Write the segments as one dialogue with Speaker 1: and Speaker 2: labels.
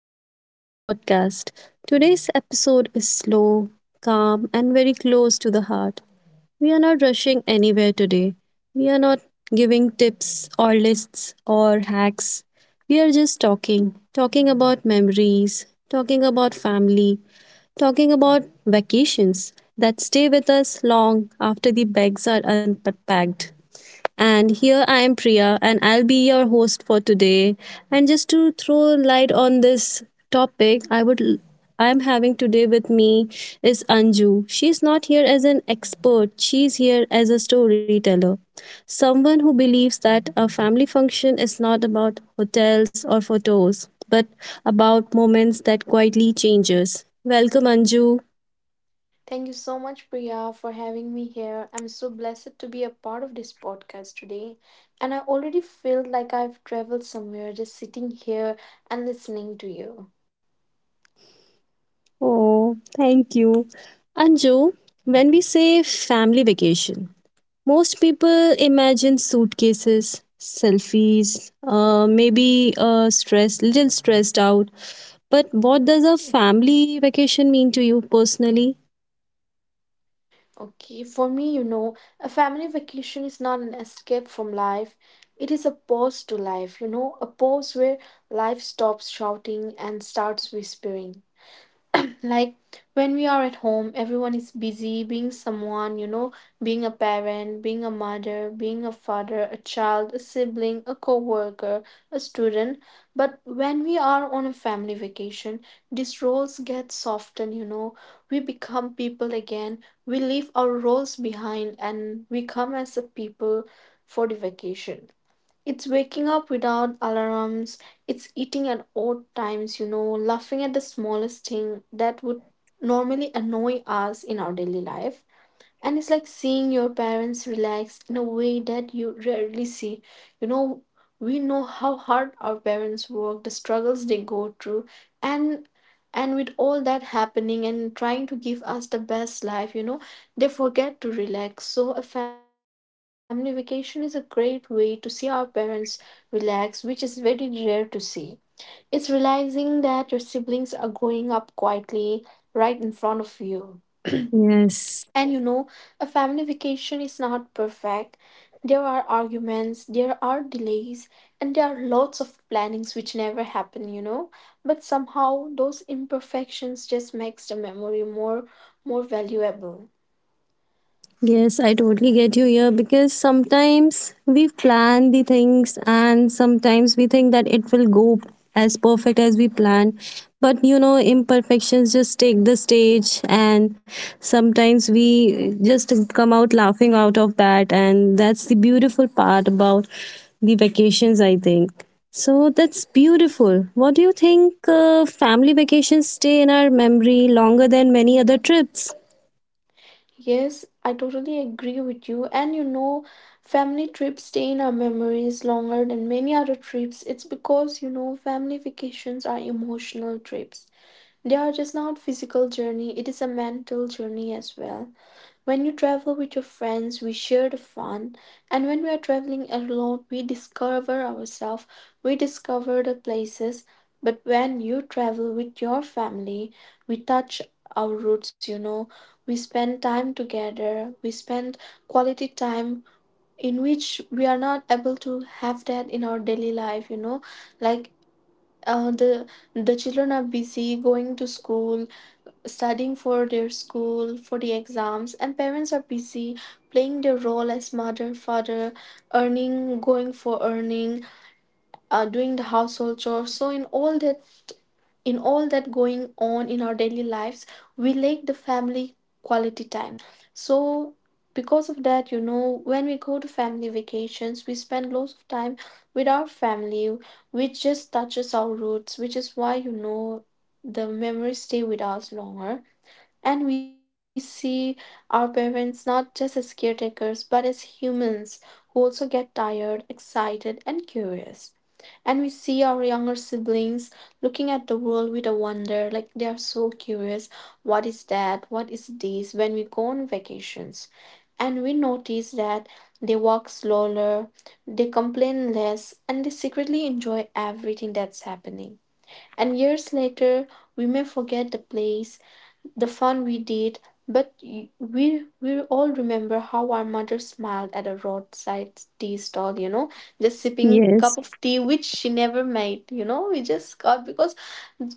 Speaker 1: welcome to our podcast. Today's episode is slow, calm, and very close to the heart. We are not rushing anywhere today. We are not giving tips or lists or hacks. We are just talking, talking about memories, talking about family, talking about vacations that stay with us long after the bags are unpacked. And here I am Priya, and I'll be your host for today. And just to throw light on this topic, I'm having today with me is Anju. She's not here as an expert, she's here as a storyteller. Someone who believes that a family function is not about hotels or photos, but about moments that quietly changes. Welcome Anju.
Speaker 2: Thank you so much, Priya, for having me here. I'm so blessed to be a part of this podcast today. And I already feel like I've traveled somewhere just sitting here and listening to you.
Speaker 1: Oh, thank you. Anju, when we say family vacation, most people imagine suitcases, selfies, maybe stress, little stressed out. But what does a family vacation mean to you personally?
Speaker 2: Okay, for me, a family vacation is not an escape from life. It is a pause to life, a pause where life stops shouting and starts whispering. Like when we are at home, everyone is busy being someone. Being a parent, being a mother, being a father, a child, a sibling, a co-worker, a student. But when we are on a family vacation, these roles get softened. We become people again. We leave our roles behind and we come as a people for the vacation. It's waking up without alarms. It's eating at odd times, laughing at the smallest thing that would normally annoy us in our daily life. And it's like seeing your parents relax in a way that you rarely see you know we know how hard our parents work, the struggles they go through. And and with all that happening and trying to give us the best life, they forget to relax. So a family vacation is a great way to see our parents relax, which is very rare to see. It's realizing that your siblings are growing up quietly right in front of you.
Speaker 1: Yes.
Speaker 2: And a family vacation is not perfect. There are arguments, there are delays, and there are lots of plannings which never happen. But somehow those imperfections just makes the memory more valuable.
Speaker 1: Yes, I totally get you here because sometimes we plan the things and sometimes we think that it will go as perfect as we planned. But you know, imperfections just take the stage, and sometimes we just come out laughing out of that. And that's the beautiful part about the vacations, I think. So that's beautiful. What do you think? Family vacations stay in our memory longer than many other trips?
Speaker 2: Yes, I totally agree with you. And family trips stay in our memories longer than many other trips. It's because, family vacations are emotional trips. They are just not physical journey, it is a mental journey as well. When you travel with your friends, we share the fun, and when we are traveling alone, we discover ourselves, we discover the places. But when you travel with your family, we touch our roots. We spend time together, we spend quality time in which we are not able to have that in our daily life. Like uh, the the children are busy going to school, studying for their school, for the exams, and parents are busy playing their role as mother, father, earning, going for earning, doing the household chores. So in all that going on in our daily lives, we lack the family quality time. So because of that, when we go to family vacations, we spend lots of time with our family, which just touches our roots, which is why the memories stay with us longer. And we see our parents not just as caretakers, but as humans who also get tired, excited, and curious. And we see our younger siblings looking at the world with a wonder, like they are so curious what is that, what is this, when we go on vacations. And we notice that they walk slower, they complain less, and they secretly enjoy everything that's happening. And years later, we may forget the place the fun we did, but we all remember how our mother smiled at a roadside tea stall, just sipping cup
Speaker 1: Yes.
Speaker 2: of tea which she never made, we just got because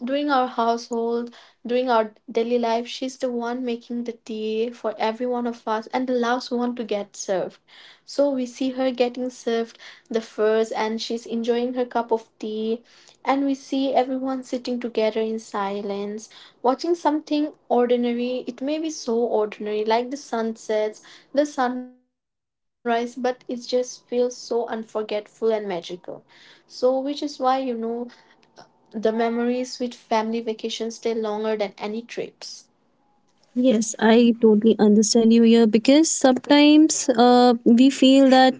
Speaker 2: during our household, during our daily life, she's the one making the tea for every one of us and the last one to get served. So we see her getting served the furs and she's enjoying her cup of tea. And we see everyone sitting together in silence, watching something ordinary. It may be so ordinary, like the sunsets, the sunrise, but it just feels so unforgettable and magical. So, which is why the memories with family vacations stay longer than any trips.
Speaker 1: Yes, I totally understand you here because sometimes we feel that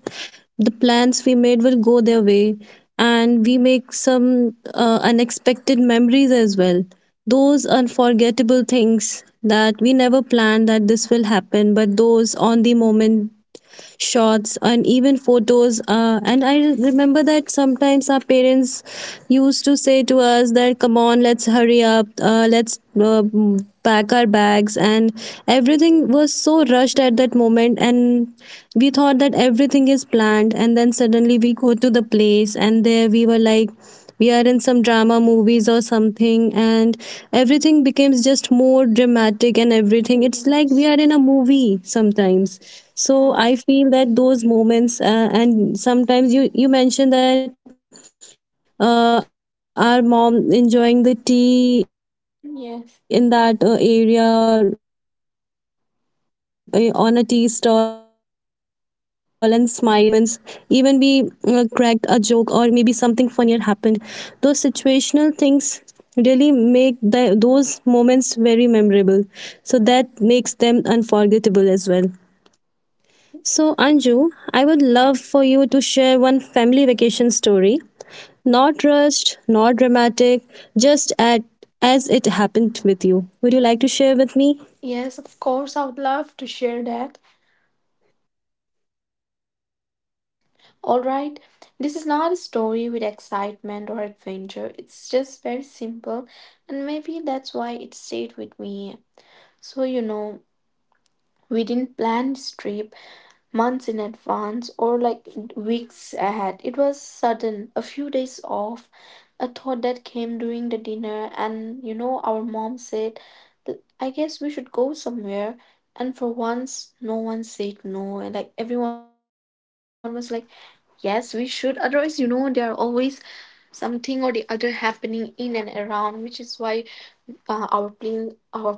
Speaker 1: the plans we made will go their way, and we make some unexpected memories as well. Those unforgettable things that we never planned that this will happen, but those on the moment shots and even photos and I remember that sometimes our parents used to say to us that come on, let's hurry up, let's pack our bags, and everything was so rushed at that moment, and we thought that everything is planned, and then suddenly we go to the place and there we were like we are in some drama movies or something, and everything becomes just more dramatic and everything, it's like we
Speaker 2: Yes.
Speaker 1: are in a movie sometimes. So
Speaker 2: Yeah.
Speaker 1: I feel that those moments, and sometimes you mentioned that our mom enjoying the tea in that area, or on a tea stall
Speaker 2: Yes.
Speaker 1: and smiling those smile, we remember those smiles and those happy moments, even we cracked a joke or maybe something funnier happened, those situational things really make those moments very memorable, so that makes them unforgettable as well. So Anju, I would love for you to share one family vacation story, not rushed, not dramatic, just at as it happened with you. Would you like to share with me?
Speaker 2: Yes, of course, I would love to share that. Alright, this is not a story with excitement or adventure. It's just very simple, and maybe that's why it stayed with me. So, we didn't plan this trip, months in advance or like weeks ahead. It was sudden, a few days off, a thought that came during the dinner, and our mom said, I guess we should go somewhere. And for once, no one said no, and like everyone was like, yes, we should. Otherwise, there are always something or the other happening in and around, which is why our plans get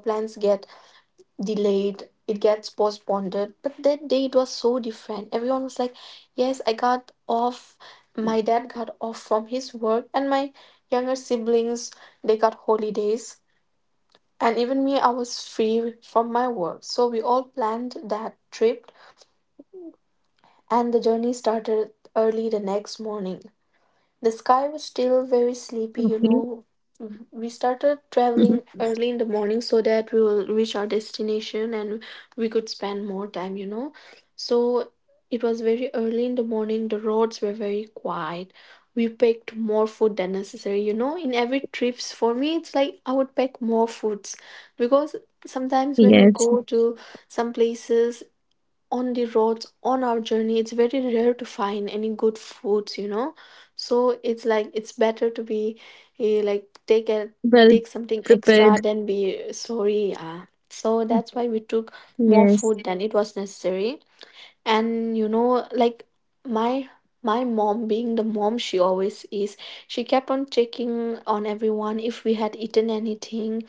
Speaker 2: delayed, it gets postponed. But that day it was so different, everyone was like, yes, I got off, my dad got off from his work, and my younger siblings they got holidays, and even me I was free from my work, so we all planned that trip. And the journey started early the next morning. The sky was still very
Speaker 1: Okay.
Speaker 2: sleepy. We started
Speaker 1: Mhm.
Speaker 2: traveling early in the morning so that we will reach our destination and we could spend more time. So it was very early in the morning, the roads were very quiet. We packed more food than necessary. In every trips for me it's like I would pack more foods, because sometimes when we
Speaker 1: Yes.
Speaker 2: go to some places on the roads on our journey it's very rare to find any good foods. So it's like it's better to be like
Speaker 1: Well
Speaker 2: take something
Speaker 1: prepared.
Speaker 2: extra than be sorry. Yeah. So that's why we took more
Speaker 1: Yes.
Speaker 2: food than it was necessary. And like my my mom being the mom she always is, she kept on checking on everyone if we had eaten anything,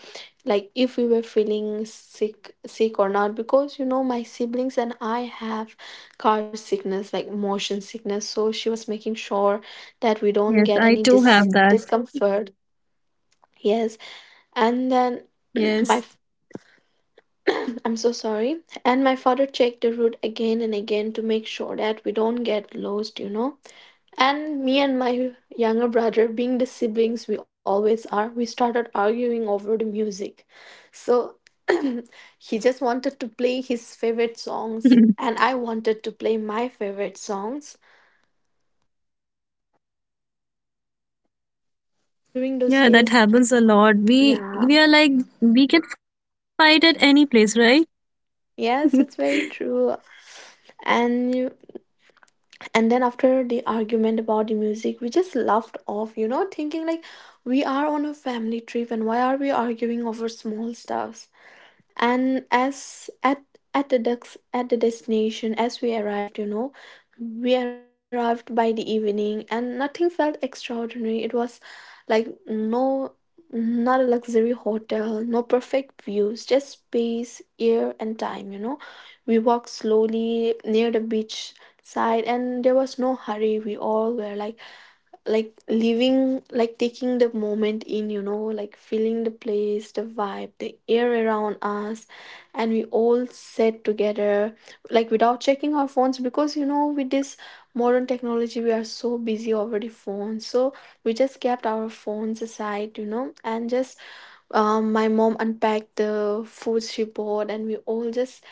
Speaker 2: like if we were feeling sick or not, because my siblings and I have car sickness, like motion sickness, so she was making sure that we don't
Speaker 1: Yes.
Speaker 2: get
Speaker 1: I
Speaker 2: any
Speaker 1: too have that.
Speaker 2: discomfort. Yes. And
Speaker 1: Yes.
Speaker 2: then my I'm so sorry. And my father checked the route again and again to make sure that we don't get lost. And me and my younger brother, being the siblings we always are, we started arguing over the music. So he just wanted to play his favorite songs, and I wanted to play my favorite songs.
Speaker 1: Yeah, that
Speaker 2: And
Speaker 1: happens a
Speaker 2: during
Speaker 1: lot.
Speaker 2: those days,
Speaker 1: We are like, we can
Speaker 2: yeah,
Speaker 1: fight at any place, right?
Speaker 2: yes, it's very true. And you. And then after the argument about the music we just laughed off, thinking like we are on a family trip and why are we arguing over small stuffs. And as at the dex- at the destination as we arrived, we arrived by the evening, and nothing felt extraordinary. It was like, no, not a luxury hotel, no perfect views, just space, air and time. We walked slowly near the beach side, and there was no hurry, we all were like living, like taking the moment in, like feeling the place, the vibe, the air around us. And we all sat together, like without checking our phones, because with this modern technology we are so busy over the phone. So we just kept our phones aside and just my mom unpacked the food she bought, and we all just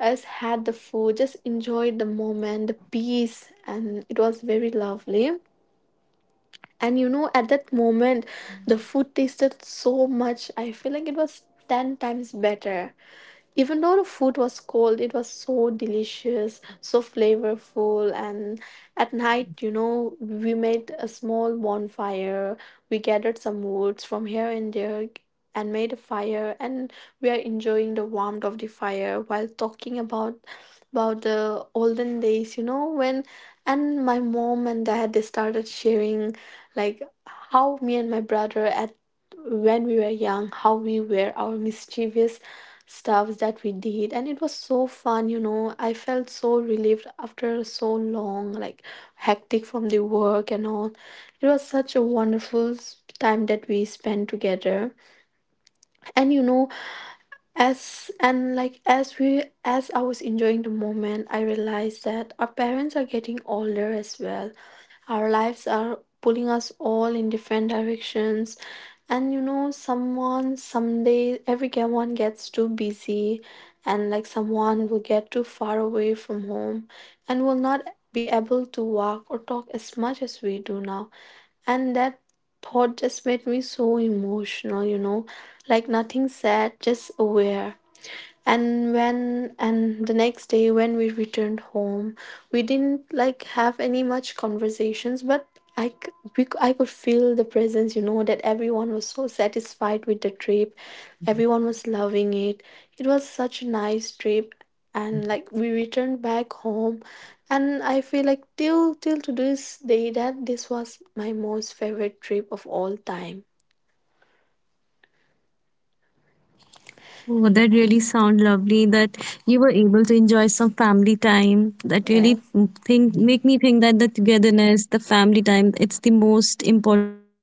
Speaker 2: us had the food, just enjoyed the moment, the peace, and it was very lovely. And at that moment, the food tasted so much. I feel like it was 10 times better, even though the food was cold, it was so delicious, so flavorful. And at night, we made a small bonfire, we gathered some woods from here and there and made a fire, and we are enjoying the warmth of the fire while talking about the olden days, you know when and my mom and dad they started sharing like how me and my brother at when we were young how we were our mischievous stuffs that we did. And it was so fun. I felt so relieved after so long, like hectic from the work and all. It was such a wonderful time that we spent together. And as and like as we as I was enjoying the moment, I realized that our parents are getting older as well, our lives are pulling us all in different directions. And someone someday, every one gets too busy, and like someone will get too far away from home and will not be able to walk or talk as much as we do now. And that thought just made me so emotional, you know, like nothing sad, just aware. And the next day when we returned home, we didn't like have any much conversations, but I c- we, c- I could feel the presence, you know, that everyone was so satisfied with the trip. Everyone was loving it. It was such a nice trip. And like we returned back home, and I feel like till to this day that this was my most favorite trip of all time.
Speaker 1: Oh, that really sound lovely that you were able to enjoy some family time. That really think
Speaker 2: Yes.
Speaker 1: make me think that the togetherness, the family time, it's the most important thing we should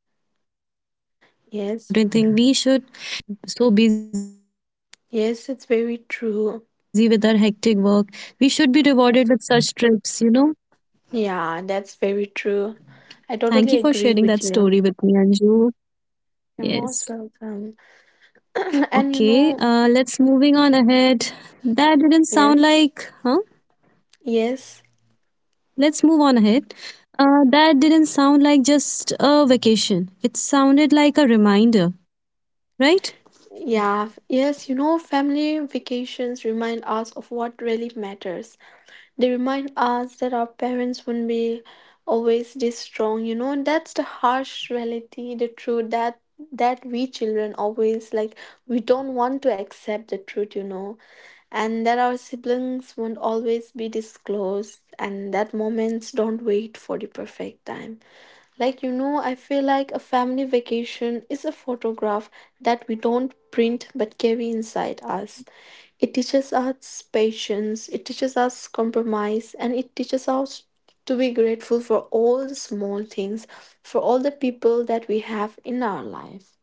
Speaker 1: be offered or maybe
Speaker 2: Yes.
Speaker 1: prized sometimes when we are so busy with our hectic
Speaker 2: Yes, it's
Speaker 1: work.
Speaker 2: very
Speaker 1: We should be
Speaker 2: true.
Speaker 1: rewarded with such trips, you know.
Speaker 2: Yeah,
Speaker 1: Thank you
Speaker 2: that's
Speaker 1: for
Speaker 2: very
Speaker 1: sharing that
Speaker 2: true.
Speaker 1: story with me,
Speaker 2: I totally
Speaker 1: Anju.
Speaker 2: agree with you.
Speaker 1: Yes.
Speaker 2: You're most welcome.
Speaker 1: Okay, let's moving
Speaker 2: And you
Speaker 1: on
Speaker 2: know,
Speaker 1: ahead. That didn't sound like, huh?
Speaker 2: yes, yes,
Speaker 1: Let's move on ahead. That didn't sound like just a vacation. It sounded like a reminder, right?
Speaker 2: yes, you know, family vacations remind us of what really matters. They remind us that our parents wouldn't be always this strong, you know, and that's the harsh reality, the truth that we children always like, we don't want to accept the truth, you know. And that our siblings won't always be disclosed and that moments don't wait for the perfect time. Like, you know, I feel like a family vacation is a photograph that we don't print but carry inside us. It teaches us patience, it teaches us compromise, and it teaches us to be grateful for all the small things, for all the people that we have in our life.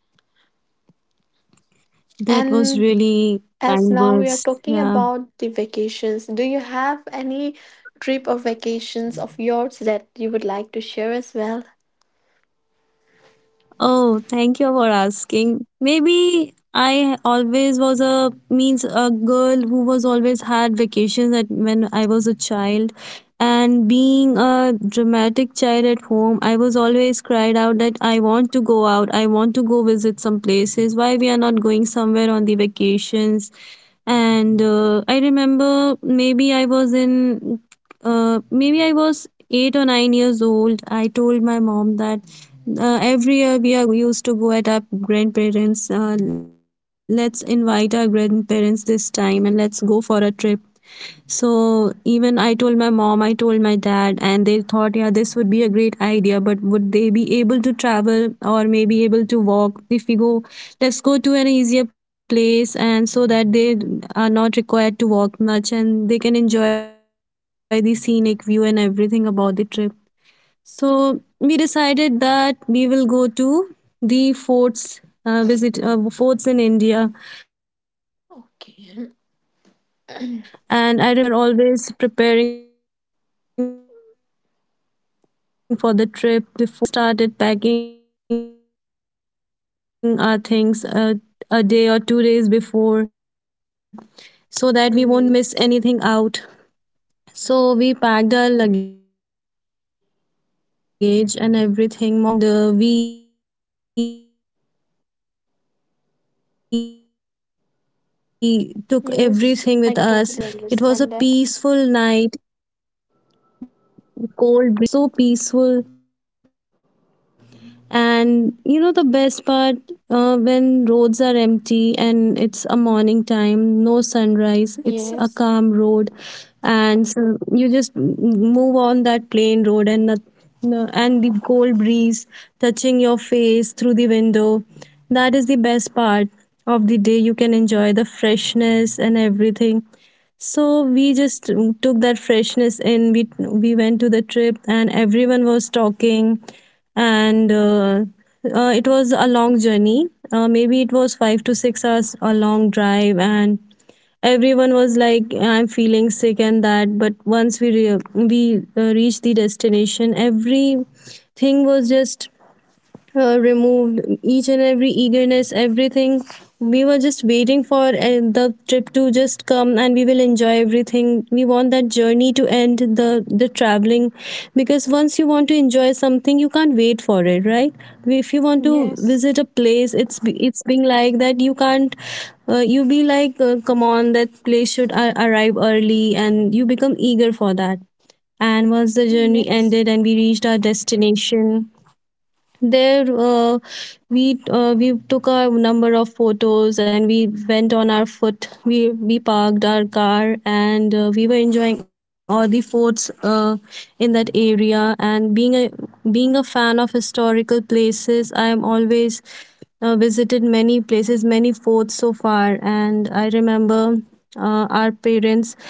Speaker 1: That was
Speaker 2: And
Speaker 1: really
Speaker 2: as
Speaker 1: kind
Speaker 2: now we are
Speaker 1: words.
Speaker 2: talking
Speaker 1: Yeah.
Speaker 2: about the vacations, do you have any trip or vacations of yours that you would like to share as well?
Speaker 1: Oh, thank you for asking. Maybe I always was a means a girl who was always had vacations at when I was a child. And being a dramatic child at home, I was always cried out that I want to go out, I want to go visit some places. Why we are not going somewhere on the vacations? And I remember maybe I was 8 or 9 years old. I told my mom that every year we are used to go at our grandparents. Let's invite our grandparents this time and let's go for a trip. So even I told my mom, I told my dad, and they thought, yeah, this would be a great idea. But would they be able to travel or maybe able to walk? If we go, let's go to an easier place, and so that they are not required to walk much and they can enjoy the scenic view and everything about the trip. So we decided that we will go to the forts, visit forts in India. And I remember going there on
Speaker 2: Okay.
Speaker 1: the way, as you said, that we are always preparing for the trip before. If we have to leave day after tomorrow, we will be started packing our things, a day or 2 days before, so that we won't miss anything out.
Speaker 2: Yes.
Speaker 1: So we packed our luggage and everything. Mom even prepared various snacks, the varieties, and we took everything with us. We left early in the morning. My father was driving, and
Speaker 2: Yes, I
Speaker 1: it was a
Speaker 2: totally
Speaker 1: peaceful
Speaker 2: understand that.
Speaker 1: night, cold breeze, and everything. It was so peaceful. And you know the best part, when roads are empty and it's a morning time, no sunrise, it's a
Speaker 2: Yes.
Speaker 1: calm road, and so you just move on that plain road and the cold breeze touching your face through the window. That is the best part of the day. You can enjoy the freshness and everything. So we just took that freshness in. We went to the trip and everyone was talking, and it was a long journey, maybe it was 5 to 6 hours a long drive, and everyone was like, I'm feeling sick and that. But once we reached the destination, everything was just removed, each and every eagerness, everything. We were just waiting for the trip to just come, and we will enjoy everything. We want that journey to end, the traveling, because once you want to enjoy something, you can't wait for it, right? If you want to
Speaker 2: Yes.
Speaker 1: visit a place, it's being like that. You can't. You be like, come on, that place should arrive early, and you become eager for that. And once the journey
Speaker 2: Yes.
Speaker 1: ended and we reached our destination, there we took a number of photos, and we went on our foot. We parked our car and we were enjoying all the forts in that area. And being a fan of historical places, I am always visited many places, many forts so far. And I remember our parents,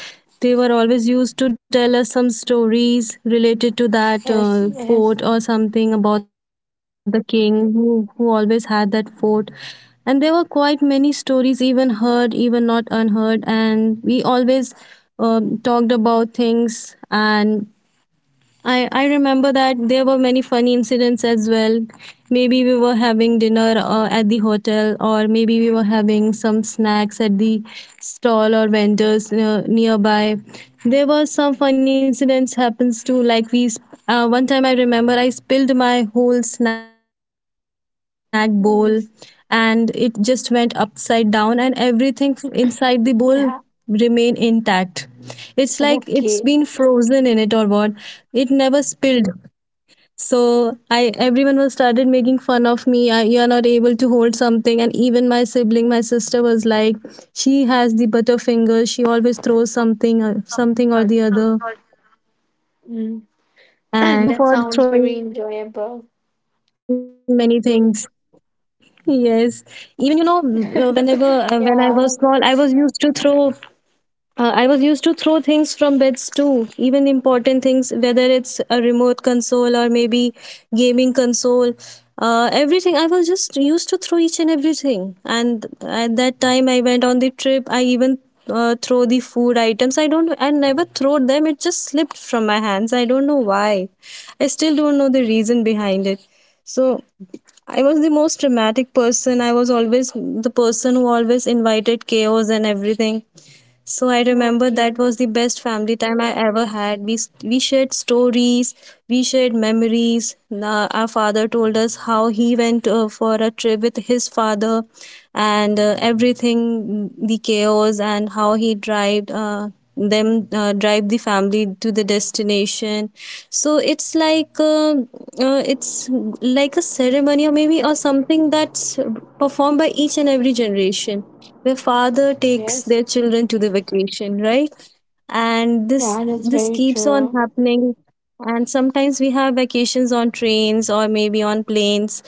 Speaker 1: they were always used to tell us some stories related to that
Speaker 2: Yes. Yes.
Speaker 1: fort or something about the king who always had that fort. And there were quite many stories, even heard, even not unheard. And we always talked about things. And I remember that there were many funny incidents as well. Maybe we were having dinner at the hotel, or maybe we were having some snacks at the stall or vendors nearby. There were some funny incidents happens too. One time I remember I spilled my whole snack bowl, and it just
Speaker 2: Yes.
Speaker 1: went upside down, and everything inside the bowl remain
Speaker 2: Yeah.
Speaker 1: intact. It's like it's been frozen in it or
Speaker 2: Okay.
Speaker 1: what. It never spilled. So I everyone was started making fun of me. I, you are not able to hold something, and even my sibling, my sister was like, she has the butterfinger. She always throws something, something or the other. And
Speaker 2: Mm. That
Speaker 1: I
Speaker 2: sounds
Speaker 1: got
Speaker 2: very
Speaker 1: scolded also
Speaker 2: enjoyable.
Speaker 1: for throwing many things. Yes, even you know, whenever
Speaker 2: Yeah.
Speaker 1: when I was small, I was used to throw things from beds too, even important things, whether it's a remote console or maybe gaming console. Everything. I was just used to throw each and everything. And at that time, I went on the trip. I even throw the food items. I don't. I never throw them. It just slipped from my hands. I don't know why. I still don't know the reason behind it. So I was the most dramatic person. I was always the person who always invited chaos and everything. So I remember
Speaker 2: Okay.
Speaker 1: that was the best family time I ever had. We shared stories, we shared memories. Our father told us how he went for a trip with his father, and everything, the chaos, and how he drive them drive the family to the destination. So it's like a ceremony or maybe or something that's performed by each and every generation, the father takes
Speaker 2: Yes.
Speaker 1: their children to the vacation, right? And this
Speaker 2: Yeah, that's
Speaker 1: this
Speaker 2: very
Speaker 1: keeps on
Speaker 2: true.
Speaker 1: happening, and sometimes we have vacations on trains or maybe on planes,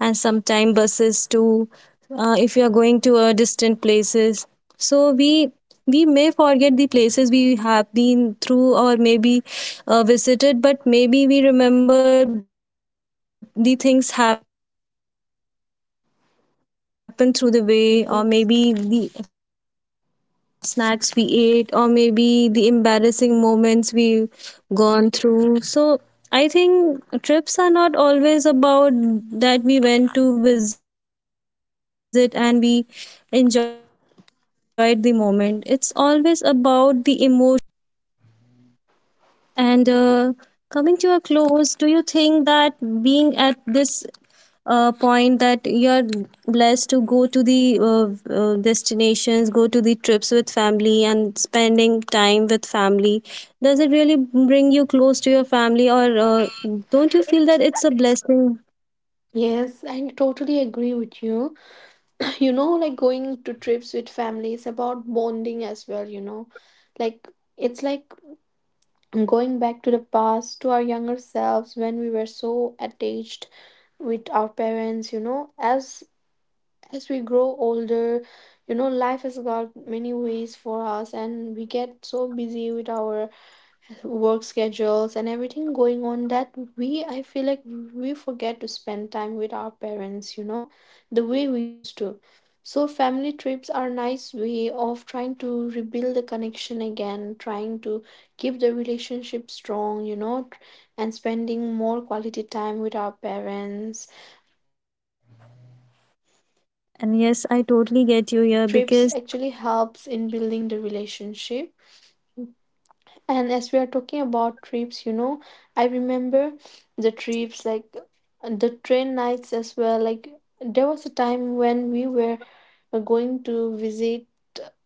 Speaker 1: and sometimes buses too if you are going to distant places. So we may forget the places we have been through, or maybe visited, but maybe we remember the things happened through the way, or maybe the snacks we ate, or maybe the embarrassing moments we
Speaker 2: Yes.
Speaker 1: gone through. So I think trips are not always about that we went to visit and we enjoyed the moment. It's always about the emotions you felt in that moment that matters the most. And Coming to a close, do you think that being at this point that you're blessed to go to the destinations, go to the trips with family and spending time with family, does it really bring you close to your family, or don't you feel that it's a blessing?
Speaker 2: Yes, I totally agree with you. You know, like going to trips with family is about bonding as well, you know. Like, it's like going back to the past to our younger selves when we were so attached with our parents, you know. As we grow older, you know, life has got many ways for us and we get so busy with our work schedules and everything going on that we I feel like we forget to spend time with our parents, you know, the way we used to. So family trips are nice way of trying to rebuild the connection again, trying to keep the relationship strong, you know, and spending more quality time with our parents and like with our siblings as well.
Speaker 1: And
Speaker 2: So
Speaker 1: yes, I
Speaker 2: all
Speaker 1: totally
Speaker 2: those
Speaker 1: get you here,
Speaker 2: trips
Speaker 1: because
Speaker 2: actually helps in building the relationship. And as we are talking about trips, you know, I remember the trips like the train nights as well. Like, there was a time when we were going to visit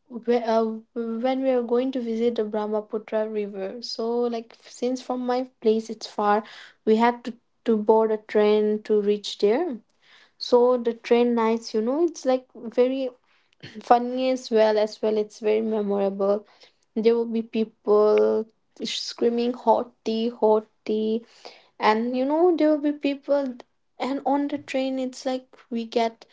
Speaker 2: whe- uh, when we were going to visit the Brahmaputra River. So like, since from my place it's far, we had to board a train to reach there. So the train nights, you know, it's like very funny as well. It's very memorable. There will be people screaming hot tea, hot tea. And you know, there will be people. And on the train, it's like we get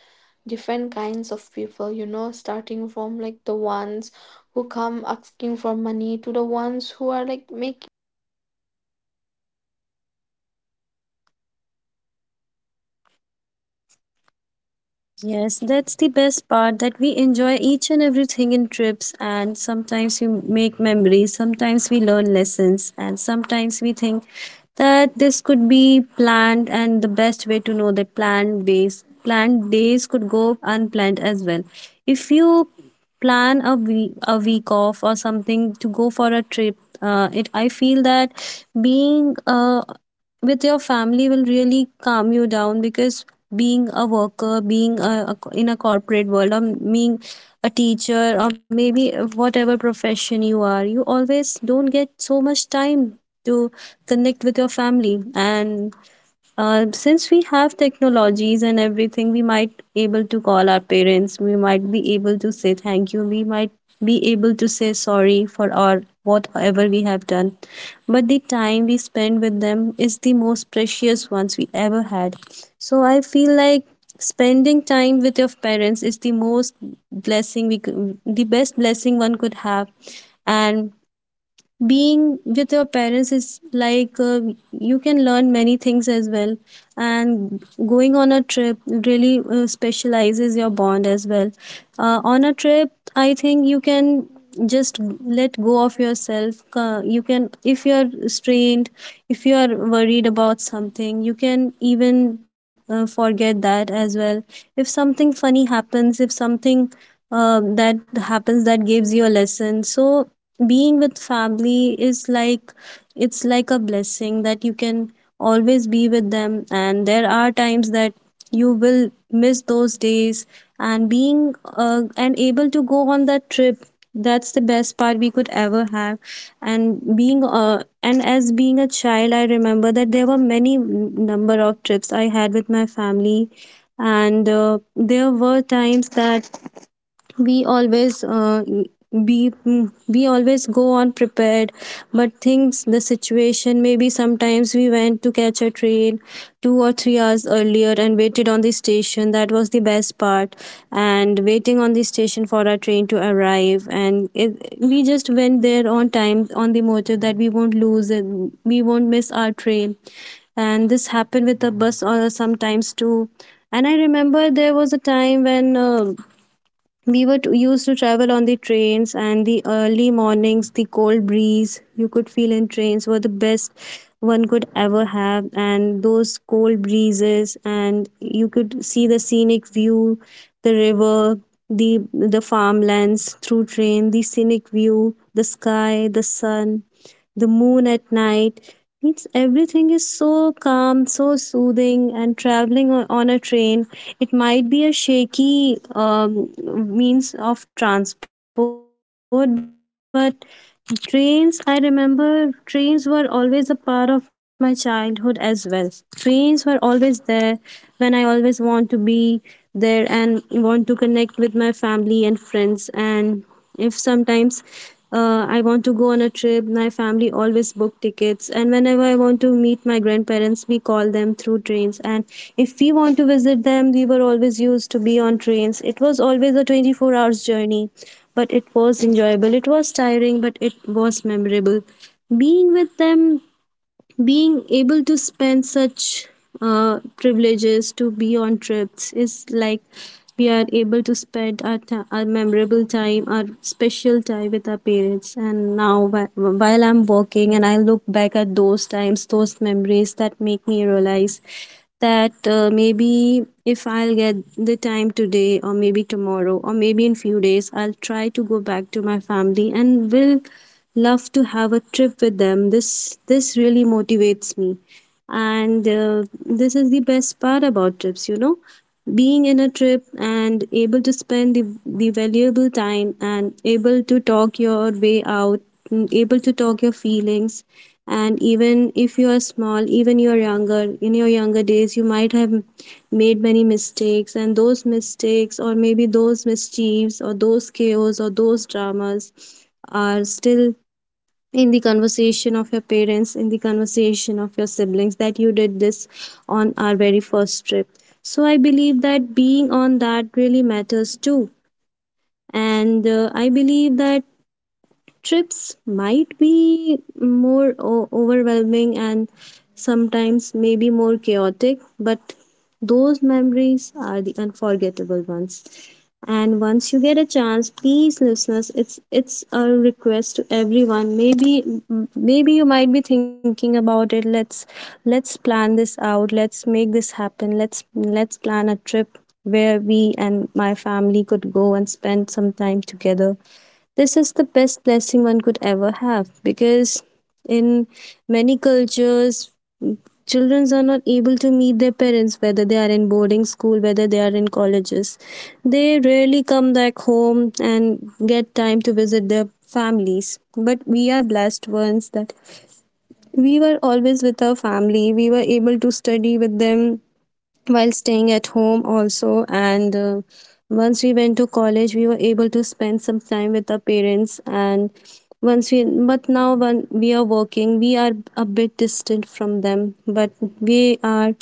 Speaker 2: different kinds of people, you know, starting from like the ones who come asking for money to the ones who are like making lots of noise, and all like silly noise, unreasonable noise. So it was so packed, and
Speaker 1: yes,
Speaker 2: me and
Speaker 1: that's the
Speaker 2: my
Speaker 1: best
Speaker 2: younger
Speaker 1: part, that we
Speaker 2: brother,
Speaker 1: enjoy each and
Speaker 2: but
Speaker 1: everything
Speaker 2: for
Speaker 1: in
Speaker 2: us,
Speaker 1: trips,
Speaker 2: all that
Speaker 1: and
Speaker 2: noises
Speaker 1: sometimes we
Speaker 2: didn't matter
Speaker 1: make
Speaker 2: at all. It
Speaker 1: memories,
Speaker 2: was just
Speaker 1: sometimes we
Speaker 2: that
Speaker 1: learn
Speaker 2: we were
Speaker 1: lessons,
Speaker 2: so
Speaker 1: and
Speaker 2: much
Speaker 1: sometimes we think
Speaker 2: mesmerized by the
Speaker 1: that this
Speaker 2: view, you
Speaker 1: could
Speaker 2: know,
Speaker 1: be
Speaker 2: the view we
Speaker 1: planned,
Speaker 2: were
Speaker 1: and
Speaker 2: able
Speaker 1: the
Speaker 2: to
Speaker 1: best way
Speaker 2: see.
Speaker 1: to know that
Speaker 2: We were
Speaker 1: planned
Speaker 2: just so
Speaker 1: days
Speaker 2: into
Speaker 1: planned
Speaker 2: that,
Speaker 1: days
Speaker 2: and
Speaker 1: could
Speaker 2: it
Speaker 1: go
Speaker 2: was like I
Speaker 1: unplanned
Speaker 2: still
Speaker 1: as well.
Speaker 2: remember
Speaker 1: If
Speaker 2: that
Speaker 1: you
Speaker 2: trip as well.
Speaker 1: plan a week
Speaker 2: It's
Speaker 1: a
Speaker 2: it's like
Speaker 1: week
Speaker 2: one of
Speaker 1: off or
Speaker 2: my
Speaker 1: something
Speaker 2: most
Speaker 1: to go for
Speaker 2: favorite
Speaker 1: a trip,
Speaker 2: trips
Speaker 1: it I
Speaker 2: that I
Speaker 1: feel
Speaker 2: had
Speaker 1: that
Speaker 2: with my families.
Speaker 1: being with your family will
Speaker 2: And
Speaker 1: really calm you
Speaker 2: once
Speaker 1: down,
Speaker 2: chain is
Speaker 1: because
Speaker 2: fall,
Speaker 1: being a
Speaker 2: pulled
Speaker 1: worker,
Speaker 2: falsely,
Speaker 1: being a
Speaker 2: emergency
Speaker 1: in a
Speaker 2: stop,
Speaker 1: corporate world, or
Speaker 2: drama with the
Speaker 1: being a
Speaker 2: DCI,
Speaker 1: teacher, or
Speaker 2: and you know
Speaker 1: maybe
Speaker 2: all that.
Speaker 1: whatever
Speaker 2: It's very
Speaker 1: profession you are,
Speaker 2: nice.
Speaker 1: you always
Speaker 2: And
Speaker 1: don't get so
Speaker 2: and
Speaker 1: much
Speaker 2: while we
Speaker 1: time
Speaker 2: were
Speaker 1: to
Speaker 2: going on our way,
Speaker 1: connect with
Speaker 2: we
Speaker 1: your
Speaker 2: we saw
Speaker 1: family.
Speaker 2: many
Speaker 1: And
Speaker 2: hilly stations as
Speaker 1: Since
Speaker 2: well,
Speaker 1: we
Speaker 2: hill
Speaker 1: have
Speaker 2: stations. You know,
Speaker 1: technologies and
Speaker 2: the
Speaker 1: everything, we
Speaker 2: foggy
Speaker 1: might able to
Speaker 2: the
Speaker 1: call our parents,
Speaker 2: fogginess,
Speaker 1: we might
Speaker 2: the
Speaker 1: be able
Speaker 2: sudden
Speaker 1: to say
Speaker 2: rain,
Speaker 1: thank you, we might
Speaker 2: cars
Speaker 1: be able
Speaker 2: skidding,
Speaker 1: to say
Speaker 2: heart
Speaker 1: sorry for
Speaker 2: stopping,
Speaker 1: our
Speaker 2: and hotel check
Speaker 1: whatever we have
Speaker 2: ins, and
Speaker 1: done,
Speaker 2: everything.
Speaker 1: but the
Speaker 2: It was
Speaker 1: time we
Speaker 2: such a
Speaker 1: spend
Speaker 2: nice
Speaker 1: with them
Speaker 2: memory
Speaker 1: is
Speaker 2: to
Speaker 1: the
Speaker 2: make
Speaker 1: most
Speaker 2: with my
Speaker 1: precious ones we
Speaker 2: family,
Speaker 1: ever had.
Speaker 2: and
Speaker 1: So
Speaker 2: to
Speaker 1: I feel
Speaker 2: and
Speaker 1: like
Speaker 2: to
Speaker 1: spending
Speaker 2: bring our
Speaker 1: time with your
Speaker 2: bond to a
Speaker 1: parents is the
Speaker 2: stronger,
Speaker 1: most
Speaker 2: uh,
Speaker 1: blessing we
Speaker 2: to
Speaker 1: could, the
Speaker 2: bring
Speaker 1: best
Speaker 2: our
Speaker 1: blessing one
Speaker 2: bond
Speaker 1: could
Speaker 2: more
Speaker 1: have.
Speaker 2: stronger, you know.
Speaker 1: And
Speaker 2: And for the
Speaker 1: being
Speaker 2: road
Speaker 1: with your
Speaker 2: trips, I
Speaker 1: parents is
Speaker 2: still
Speaker 1: like,
Speaker 2: remember me and my
Speaker 1: you
Speaker 2: brother,
Speaker 1: can
Speaker 2: we
Speaker 1: learn many
Speaker 2: always
Speaker 1: things
Speaker 2: had
Speaker 1: as well,
Speaker 2: quarrels like
Speaker 1: and
Speaker 2: who will sit
Speaker 1: going on a
Speaker 2: on the
Speaker 1: trip
Speaker 2: front seat,
Speaker 1: really
Speaker 2: you know? I don't know
Speaker 1: specializes your
Speaker 2: why
Speaker 1: bond
Speaker 2: as a
Speaker 1: as
Speaker 2: kid
Speaker 1: well.
Speaker 2: we hated
Speaker 1: On a
Speaker 2: to sit
Speaker 1: trip,
Speaker 2: on
Speaker 1: I
Speaker 2: the
Speaker 1: think you
Speaker 2: back
Speaker 1: can
Speaker 2: seat. So like we were
Speaker 1: just
Speaker 2: always
Speaker 1: let go
Speaker 2: like
Speaker 1: of
Speaker 2: I
Speaker 1: yourself.
Speaker 2: want to
Speaker 1: You
Speaker 2: sit
Speaker 1: can,
Speaker 2: on
Speaker 1: if
Speaker 2: the
Speaker 1: you
Speaker 2: front
Speaker 1: are
Speaker 2: seat, you
Speaker 1: strained,
Speaker 2: know? We
Speaker 1: if you
Speaker 2: had
Speaker 1: are
Speaker 2: quarrels.
Speaker 1: worried
Speaker 2: And
Speaker 1: about something, you
Speaker 2: the
Speaker 1: can
Speaker 2: funniest thing
Speaker 1: even
Speaker 2: is how we
Speaker 1: forget that
Speaker 2: resolved
Speaker 1: as
Speaker 2: them.
Speaker 1: well.
Speaker 2: We
Speaker 1: If
Speaker 2: were like,
Speaker 1: something funny
Speaker 2: let's play
Speaker 1: happens, if
Speaker 2: rock paper
Speaker 1: something
Speaker 2: scissors. Who
Speaker 1: that
Speaker 2: wins? They
Speaker 1: happens that
Speaker 2: get the
Speaker 1: gives you
Speaker 2: seat.
Speaker 1: a lesson.
Speaker 2: So
Speaker 1: So
Speaker 2: it's like
Speaker 1: being
Speaker 2: continuous.
Speaker 1: with
Speaker 2: We were
Speaker 1: family
Speaker 2: playing
Speaker 1: is
Speaker 2: that,
Speaker 1: like,
Speaker 2: and it's
Speaker 1: it's
Speaker 2: very
Speaker 1: like a
Speaker 2: fun, you
Speaker 1: blessing
Speaker 2: know,
Speaker 1: that you
Speaker 2: going to
Speaker 1: can
Speaker 2: the road
Speaker 1: always
Speaker 2: trips
Speaker 1: be
Speaker 2: by
Speaker 1: with them,
Speaker 2: car as
Speaker 1: and there
Speaker 2: well.
Speaker 1: are times that
Speaker 2: So
Speaker 1: you will miss
Speaker 2: it was
Speaker 1: those
Speaker 2: such a
Speaker 1: days.
Speaker 2: nice
Speaker 1: And being
Speaker 2: vacation with
Speaker 1: and
Speaker 2: my
Speaker 1: able to go
Speaker 2: family.
Speaker 1: on that
Speaker 2: And
Speaker 1: trip,
Speaker 2: the
Speaker 1: that's
Speaker 2: Brahmaputra
Speaker 1: the best
Speaker 2: River,
Speaker 1: part we could ever
Speaker 2: as we
Speaker 1: have.
Speaker 2: have
Speaker 1: And
Speaker 2: heard
Speaker 1: being
Speaker 2: and read, it's
Speaker 1: and
Speaker 2: very
Speaker 1: as being a
Speaker 2: huge, and
Speaker 1: child,
Speaker 2: it
Speaker 1: I
Speaker 2: was
Speaker 1: remember that
Speaker 2: such a
Speaker 1: there were
Speaker 2: nice
Speaker 1: many
Speaker 2: place to
Speaker 1: number
Speaker 2: see
Speaker 1: of trips I had with my
Speaker 2: everything
Speaker 1: family.
Speaker 2: on
Speaker 1: And
Speaker 2: with our
Speaker 1: There were
Speaker 2: eyes,
Speaker 1: times that
Speaker 2: with like, you know, our
Speaker 1: we
Speaker 2: naked
Speaker 1: always
Speaker 2: eyes, which
Speaker 1: uh,
Speaker 2: we
Speaker 1: we
Speaker 2: were like
Speaker 1: we always go on
Speaker 2: reading on our
Speaker 1: prepared,
Speaker 2: books
Speaker 1: but
Speaker 2: and all.
Speaker 1: things, the
Speaker 2: So it was
Speaker 1: situation,
Speaker 2: very
Speaker 1: maybe
Speaker 2: nice.
Speaker 1: sometimes we went to catch
Speaker 2: I
Speaker 1: a
Speaker 2: really
Speaker 1: train
Speaker 2: wish I could
Speaker 1: 2 or
Speaker 2: go
Speaker 1: 3
Speaker 2: back
Speaker 1: hours
Speaker 2: in the
Speaker 1: earlier and waited on the
Speaker 2: past
Speaker 1: station.
Speaker 2: and
Speaker 1: That
Speaker 2: go
Speaker 1: was the
Speaker 2: and
Speaker 1: best part,
Speaker 2: revisit all the
Speaker 1: and waiting on the
Speaker 2: places with
Speaker 1: station
Speaker 2: my
Speaker 1: for our
Speaker 2: moms
Speaker 1: train to
Speaker 2: and dad,
Speaker 1: arrive,
Speaker 2: because
Speaker 1: and it, we just
Speaker 2: now
Speaker 1: went
Speaker 2: as they
Speaker 1: there
Speaker 2: are
Speaker 1: on
Speaker 2: getting
Speaker 1: time on
Speaker 2: old,
Speaker 1: the
Speaker 2: they
Speaker 1: motive
Speaker 2: don't
Speaker 1: that we won't
Speaker 2: have
Speaker 1: lose it,
Speaker 2: the,
Speaker 1: we won't
Speaker 2: you know,
Speaker 1: miss
Speaker 2: the
Speaker 1: our train.
Speaker 2: strength and
Speaker 1: And this happened with the bus or sometimes too.
Speaker 2: same
Speaker 1: And
Speaker 2: energy
Speaker 1: I remember
Speaker 2: as
Speaker 1: there was a
Speaker 2: it
Speaker 1: time
Speaker 2: was
Speaker 1: when
Speaker 2: before way back,
Speaker 1: we were
Speaker 2: because
Speaker 1: to,
Speaker 2: now they
Speaker 1: used to
Speaker 2: are
Speaker 1: travel
Speaker 2: getting
Speaker 1: on the
Speaker 2: old,
Speaker 1: trains, and the
Speaker 2: so it's
Speaker 1: early
Speaker 2: not safe for
Speaker 1: mornings, the
Speaker 2: them to
Speaker 1: cold
Speaker 2: travel as
Speaker 1: breeze you
Speaker 2: well.
Speaker 1: could feel in trains were the best one could ever
Speaker 2: And you
Speaker 1: have.
Speaker 2: know,
Speaker 1: And
Speaker 2: like,
Speaker 1: those cold
Speaker 2: family
Speaker 1: breezes,
Speaker 2: vacation
Speaker 1: and
Speaker 2: shaped
Speaker 1: you
Speaker 2: us as
Speaker 1: could see
Speaker 2: well.
Speaker 1: the scenic
Speaker 2: they taught
Speaker 1: view,
Speaker 2: they
Speaker 1: the
Speaker 2: taught
Speaker 1: river,
Speaker 2: us
Speaker 1: the
Speaker 2: adaptability, sleeping
Speaker 1: farmlands through train,
Speaker 2: anywhere,
Speaker 1: the scenic
Speaker 2: like eating
Speaker 1: view, the
Speaker 2: whatever was
Speaker 1: sky, the
Speaker 2: available, and
Speaker 1: sun,
Speaker 2: being
Speaker 1: the
Speaker 2: okay with
Speaker 1: moon at
Speaker 2: discomfort.
Speaker 1: night. It's
Speaker 2: That
Speaker 1: everything
Speaker 2: was
Speaker 1: is
Speaker 2: one thing
Speaker 1: so
Speaker 2: that
Speaker 1: calm,
Speaker 2: family
Speaker 1: so
Speaker 2: vacations taught
Speaker 1: soothing,
Speaker 2: each
Speaker 1: and
Speaker 2: and every one
Speaker 1: traveling
Speaker 2: of us
Speaker 1: on a train,
Speaker 2: and shaped
Speaker 1: it
Speaker 2: us.
Speaker 1: might be a shaky
Speaker 2: And those
Speaker 1: means
Speaker 2: lessons
Speaker 1: of
Speaker 2: stayed with
Speaker 1: transport,
Speaker 2: us
Speaker 1: but
Speaker 2: long after the
Speaker 1: trains, I
Speaker 2: trips ended,
Speaker 1: remember
Speaker 2: the
Speaker 1: trains
Speaker 2: bags
Speaker 1: were always a
Speaker 2: unpacked.
Speaker 1: part of my
Speaker 2: So,
Speaker 1: childhood as well.
Speaker 2: and
Speaker 1: Trains
Speaker 2: as
Speaker 1: were
Speaker 2: adults,
Speaker 1: always
Speaker 2: you know,
Speaker 1: there
Speaker 2: how I see
Speaker 1: when I
Speaker 2: these
Speaker 1: always
Speaker 2: vacations
Speaker 1: want to
Speaker 2: are
Speaker 1: be
Speaker 2: like with
Speaker 1: there and
Speaker 2: gratitude.
Speaker 1: want to
Speaker 2: Back
Speaker 1: connect with
Speaker 2: then,
Speaker 1: my
Speaker 2: sometimes
Speaker 1: family
Speaker 2: I
Speaker 1: and
Speaker 2: used to
Speaker 1: friends.
Speaker 2: complain,
Speaker 1: And
Speaker 2: sometimes
Speaker 1: if
Speaker 2: I used to be
Speaker 1: sometimes
Speaker 2: so
Speaker 1: I
Speaker 2: overwhelmed.
Speaker 1: want to go on a
Speaker 2: But
Speaker 1: trip,
Speaker 2: now I
Speaker 1: my
Speaker 2: just
Speaker 1: family
Speaker 2: miss them
Speaker 1: always book
Speaker 2: deeply.
Speaker 1: tickets. And whenever I want to
Speaker 2: And the
Speaker 1: meet my
Speaker 2: noises,
Speaker 1: grandparents,
Speaker 2: the
Speaker 1: we call them through
Speaker 2: togetherness, the
Speaker 1: trains. And
Speaker 2: simplicity,
Speaker 1: if we want
Speaker 2: that
Speaker 1: to
Speaker 2: all
Speaker 1: visit
Speaker 2: is
Speaker 1: them, we were always
Speaker 2: priceless.
Speaker 1: used to be on trains.
Speaker 2: And
Speaker 1: It
Speaker 2: many
Speaker 1: was
Speaker 2: of us
Speaker 1: always a
Speaker 2: now plan
Speaker 1: 24 hours journey,
Speaker 2: vacations for our
Speaker 1: but
Speaker 2: own
Speaker 1: it was
Speaker 2: families
Speaker 1: enjoyable.
Speaker 2: as
Speaker 1: It
Speaker 2: well,
Speaker 1: was
Speaker 2: you know.
Speaker 1: tiring, but it
Speaker 2: And
Speaker 1: was
Speaker 2: suddenly,
Speaker 1: memorable.
Speaker 2: and
Speaker 1: Being
Speaker 2: when
Speaker 1: with
Speaker 2: and
Speaker 1: them,
Speaker 2: when we are doing
Speaker 1: being
Speaker 2: that, we
Speaker 1: able to
Speaker 2: suddenly
Speaker 1: spend
Speaker 2: remember
Speaker 1: such
Speaker 2: our parents.
Speaker 1: privileges
Speaker 2: You
Speaker 1: to
Speaker 2: know,
Speaker 1: be
Speaker 2: the
Speaker 1: on trips is
Speaker 2: budgeting, the
Speaker 1: like
Speaker 2: worries, the
Speaker 1: we are
Speaker 2: silent
Speaker 1: able to
Speaker 2: hope that
Speaker 1: spend our,
Speaker 2: everyone
Speaker 1: ti our
Speaker 2: enjoys
Speaker 1: memorable time,
Speaker 2: themselves.
Speaker 1: our special time with our
Speaker 2: We
Speaker 1: parents.
Speaker 2: realized
Speaker 1: And
Speaker 2: that
Speaker 1: now,
Speaker 2: it was
Speaker 1: while
Speaker 2: love
Speaker 1: I'm
Speaker 2: in
Speaker 1: working and I
Speaker 2: action.
Speaker 1: look back at those
Speaker 2: And it
Speaker 1: times,
Speaker 2: was
Speaker 1: those
Speaker 2: like, you
Speaker 1: memories
Speaker 2: know,
Speaker 1: that make me realize
Speaker 2: it was a
Speaker 1: that
Speaker 2: freeze time for a
Speaker 1: maybe
Speaker 2: while
Speaker 1: if
Speaker 2: for each
Speaker 1: I'll
Speaker 2: and
Speaker 1: get
Speaker 2: every one
Speaker 1: the
Speaker 2: of
Speaker 1: time
Speaker 2: us, the
Speaker 1: today, or maybe
Speaker 2: vacation,
Speaker 1: tomorrow, or maybe in
Speaker 2: and
Speaker 1: few
Speaker 2: they
Speaker 1: days, I'll
Speaker 2: reminded
Speaker 1: try to
Speaker 2: us
Speaker 1: go
Speaker 2: who
Speaker 1: back to
Speaker 2: we
Speaker 1: my
Speaker 2: are
Speaker 1: family
Speaker 2: beyond
Speaker 1: and
Speaker 2: our
Speaker 1: will love
Speaker 2: responsibilities,
Speaker 1: to have a trip
Speaker 2: beyond
Speaker 1: with
Speaker 2: our
Speaker 1: them.
Speaker 2: busy
Speaker 1: This
Speaker 2: schedule.
Speaker 1: really motivates
Speaker 2: And you
Speaker 1: me,
Speaker 2: know, they create
Speaker 1: and
Speaker 2: memories
Speaker 1: uh,
Speaker 2: that
Speaker 1: this is the
Speaker 2: return
Speaker 1: best
Speaker 2: when
Speaker 1: part
Speaker 2: life
Speaker 1: about
Speaker 2: feels
Speaker 1: trips. You
Speaker 2: very
Speaker 1: know,
Speaker 2: hap
Speaker 1: being in
Speaker 2: heavy.
Speaker 1: a trip
Speaker 2: Like
Speaker 1: and
Speaker 2: sometimes
Speaker 1: able
Speaker 2: when
Speaker 1: to
Speaker 2: I'm
Speaker 1: spend the
Speaker 2: very
Speaker 1: the
Speaker 2: sad
Speaker 1: valuable
Speaker 2: or when
Speaker 1: time
Speaker 2: I feel
Speaker 1: and
Speaker 2: low
Speaker 1: able
Speaker 2: and
Speaker 1: to
Speaker 2: miss my
Speaker 1: talk your
Speaker 2: parents,
Speaker 1: way out,
Speaker 2: I just
Speaker 1: mm, able
Speaker 2: scroll
Speaker 1: to
Speaker 2: through
Speaker 1: talk your
Speaker 2: my
Speaker 1: feelings.
Speaker 2: camera to look for
Speaker 1: And
Speaker 2: some of
Speaker 1: even
Speaker 2: the
Speaker 1: if you are small,
Speaker 2: memories,
Speaker 1: even
Speaker 2: you know,
Speaker 1: you're
Speaker 2: some of the
Speaker 1: younger, in your
Speaker 2: photos
Speaker 1: younger
Speaker 2: of the
Speaker 1: days, you might have
Speaker 2: childhood, the
Speaker 1: made many
Speaker 2: trips, and that,
Speaker 1: mistakes, and those
Speaker 2: and that just
Speaker 1: mistakes, or
Speaker 2: makes me
Speaker 1: maybe
Speaker 2: feel
Speaker 1: those
Speaker 2: so happy.
Speaker 1: mischiefs, or those
Speaker 2: I feel
Speaker 1: chaos,
Speaker 2: like,
Speaker 1: or those
Speaker 2: yes,
Speaker 1: dramas
Speaker 2: that's for
Speaker 1: are
Speaker 2: what we
Speaker 1: still
Speaker 2: we are
Speaker 1: in the
Speaker 2: here,
Speaker 1: conversation
Speaker 2: that's
Speaker 1: of your
Speaker 2: why we all
Speaker 1: parents,
Speaker 2: are
Speaker 1: in the
Speaker 2: doing this, you
Speaker 1: conversation of your
Speaker 2: know,
Speaker 1: siblings, that
Speaker 2: the
Speaker 1: you did this
Speaker 2: hustling, everything
Speaker 1: on
Speaker 2: is
Speaker 1: our
Speaker 2: for
Speaker 1: very
Speaker 2: our
Speaker 1: first trip.
Speaker 2: parents.
Speaker 1: So I
Speaker 2: And as
Speaker 1: believe
Speaker 2: we get
Speaker 1: that
Speaker 2: older,
Speaker 1: being
Speaker 2: we
Speaker 1: on that really
Speaker 2: understand our
Speaker 1: matters
Speaker 2: parents
Speaker 1: too.
Speaker 2: more and more.
Speaker 1: And I believe that trips might
Speaker 2: Also,
Speaker 1: be more overwhelming
Speaker 2: if you
Speaker 1: and
Speaker 2: are listening right
Speaker 1: sometimes
Speaker 2: now,
Speaker 1: maybe more
Speaker 2: I would
Speaker 1: chaotic,
Speaker 2: like to say
Speaker 1: but
Speaker 2: you all to
Speaker 1: those
Speaker 2: plan the
Speaker 1: memories are
Speaker 2: trip. You
Speaker 1: the
Speaker 2: know, it doesn't
Speaker 1: unforgettable
Speaker 2: have to
Speaker 1: ones.
Speaker 2: be perfect,
Speaker 1: And once you get a
Speaker 2: because
Speaker 1: chance,
Speaker 2: one day
Speaker 1: please,
Speaker 2: these
Speaker 1: listeners,
Speaker 2: moments
Speaker 1: it's
Speaker 2: will
Speaker 1: it's
Speaker 2: become
Speaker 1: a
Speaker 2: stories
Speaker 1: request to
Speaker 2: that we will
Speaker 1: everyone.
Speaker 2: treasure.
Speaker 1: Maybe maybe you might be thinking
Speaker 2: And
Speaker 1: about it.
Speaker 2: it's like
Speaker 1: Let's plan
Speaker 2: the
Speaker 1: this
Speaker 2: trips
Speaker 1: out.
Speaker 2: should not
Speaker 1: Let's
Speaker 2: be
Speaker 1: make this
Speaker 2: like
Speaker 1: happen.
Speaker 2: luxury trips,
Speaker 1: Let's plan
Speaker 2: not
Speaker 1: a
Speaker 2: the
Speaker 1: trip
Speaker 2: perfect
Speaker 1: where
Speaker 2: Instagram
Speaker 1: we and
Speaker 2: holidays
Speaker 1: my
Speaker 2: that we
Speaker 1: family
Speaker 2: see,
Speaker 1: could go and
Speaker 2: but
Speaker 1: spend some
Speaker 2: messy,
Speaker 1: time together.
Speaker 2: noisy,
Speaker 1: This is
Speaker 2: beautiful,
Speaker 1: the best
Speaker 2: and
Speaker 1: blessing one
Speaker 2: very,
Speaker 1: could ever
Speaker 2: eh,
Speaker 1: have,
Speaker 2: you know,
Speaker 1: because
Speaker 2: very, a
Speaker 1: in
Speaker 2: very calm
Speaker 1: many
Speaker 2: and ple-
Speaker 1: cultures,
Speaker 2: pe- very
Speaker 1: children
Speaker 2: calm
Speaker 1: are
Speaker 2: and
Speaker 1: not able
Speaker 2: peaceful
Speaker 1: to meet their
Speaker 2: ones with our
Speaker 1: parents, whether they are
Speaker 2: parents.
Speaker 1: in boarding school, whether they are in colleges. They rarely come back home and get time to
Speaker 2: And
Speaker 1: visit
Speaker 2: now,
Speaker 1: their
Speaker 2: as we are
Speaker 1: families.
Speaker 2: coming to the
Speaker 1: But we
Speaker 2: end,
Speaker 1: are blessed ones that
Speaker 2: like, I
Speaker 1: we
Speaker 2: would
Speaker 1: were
Speaker 2: like
Speaker 1: always with
Speaker 2: to
Speaker 1: our
Speaker 2: have
Speaker 1: family, we
Speaker 2: or
Speaker 1: were able
Speaker 2: share
Speaker 1: to
Speaker 2: a
Speaker 1: study
Speaker 2: story
Speaker 1: with
Speaker 2: as
Speaker 1: them
Speaker 2: well.
Speaker 1: while staying at home also, and
Speaker 2: So,
Speaker 1: uh,
Speaker 2: you
Speaker 1: once
Speaker 2: know,
Speaker 1: we went to college, we were
Speaker 2: mm,
Speaker 1: able to spend some time with our parents,
Speaker 2: there was a
Speaker 1: and
Speaker 2: time
Speaker 1: once
Speaker 2: like
Speaker 1: we but now
Speaker 2: a
Speaker 1: when we are
Speaker 2: story
Speaker 1: working,
Speaker 2: of
Speaker 1: we
Speaker 2: a
Speaker 1: are a
Speaker 2: vacation
Speaker 1: bit
Speaker 2: which is
Speaker 1: distant
Speaker 2: filled with
Speaker 1: from them,
Speaker 2: funny, you
Speaker 1: but
Speaker 2: know.
Speaker 1: we are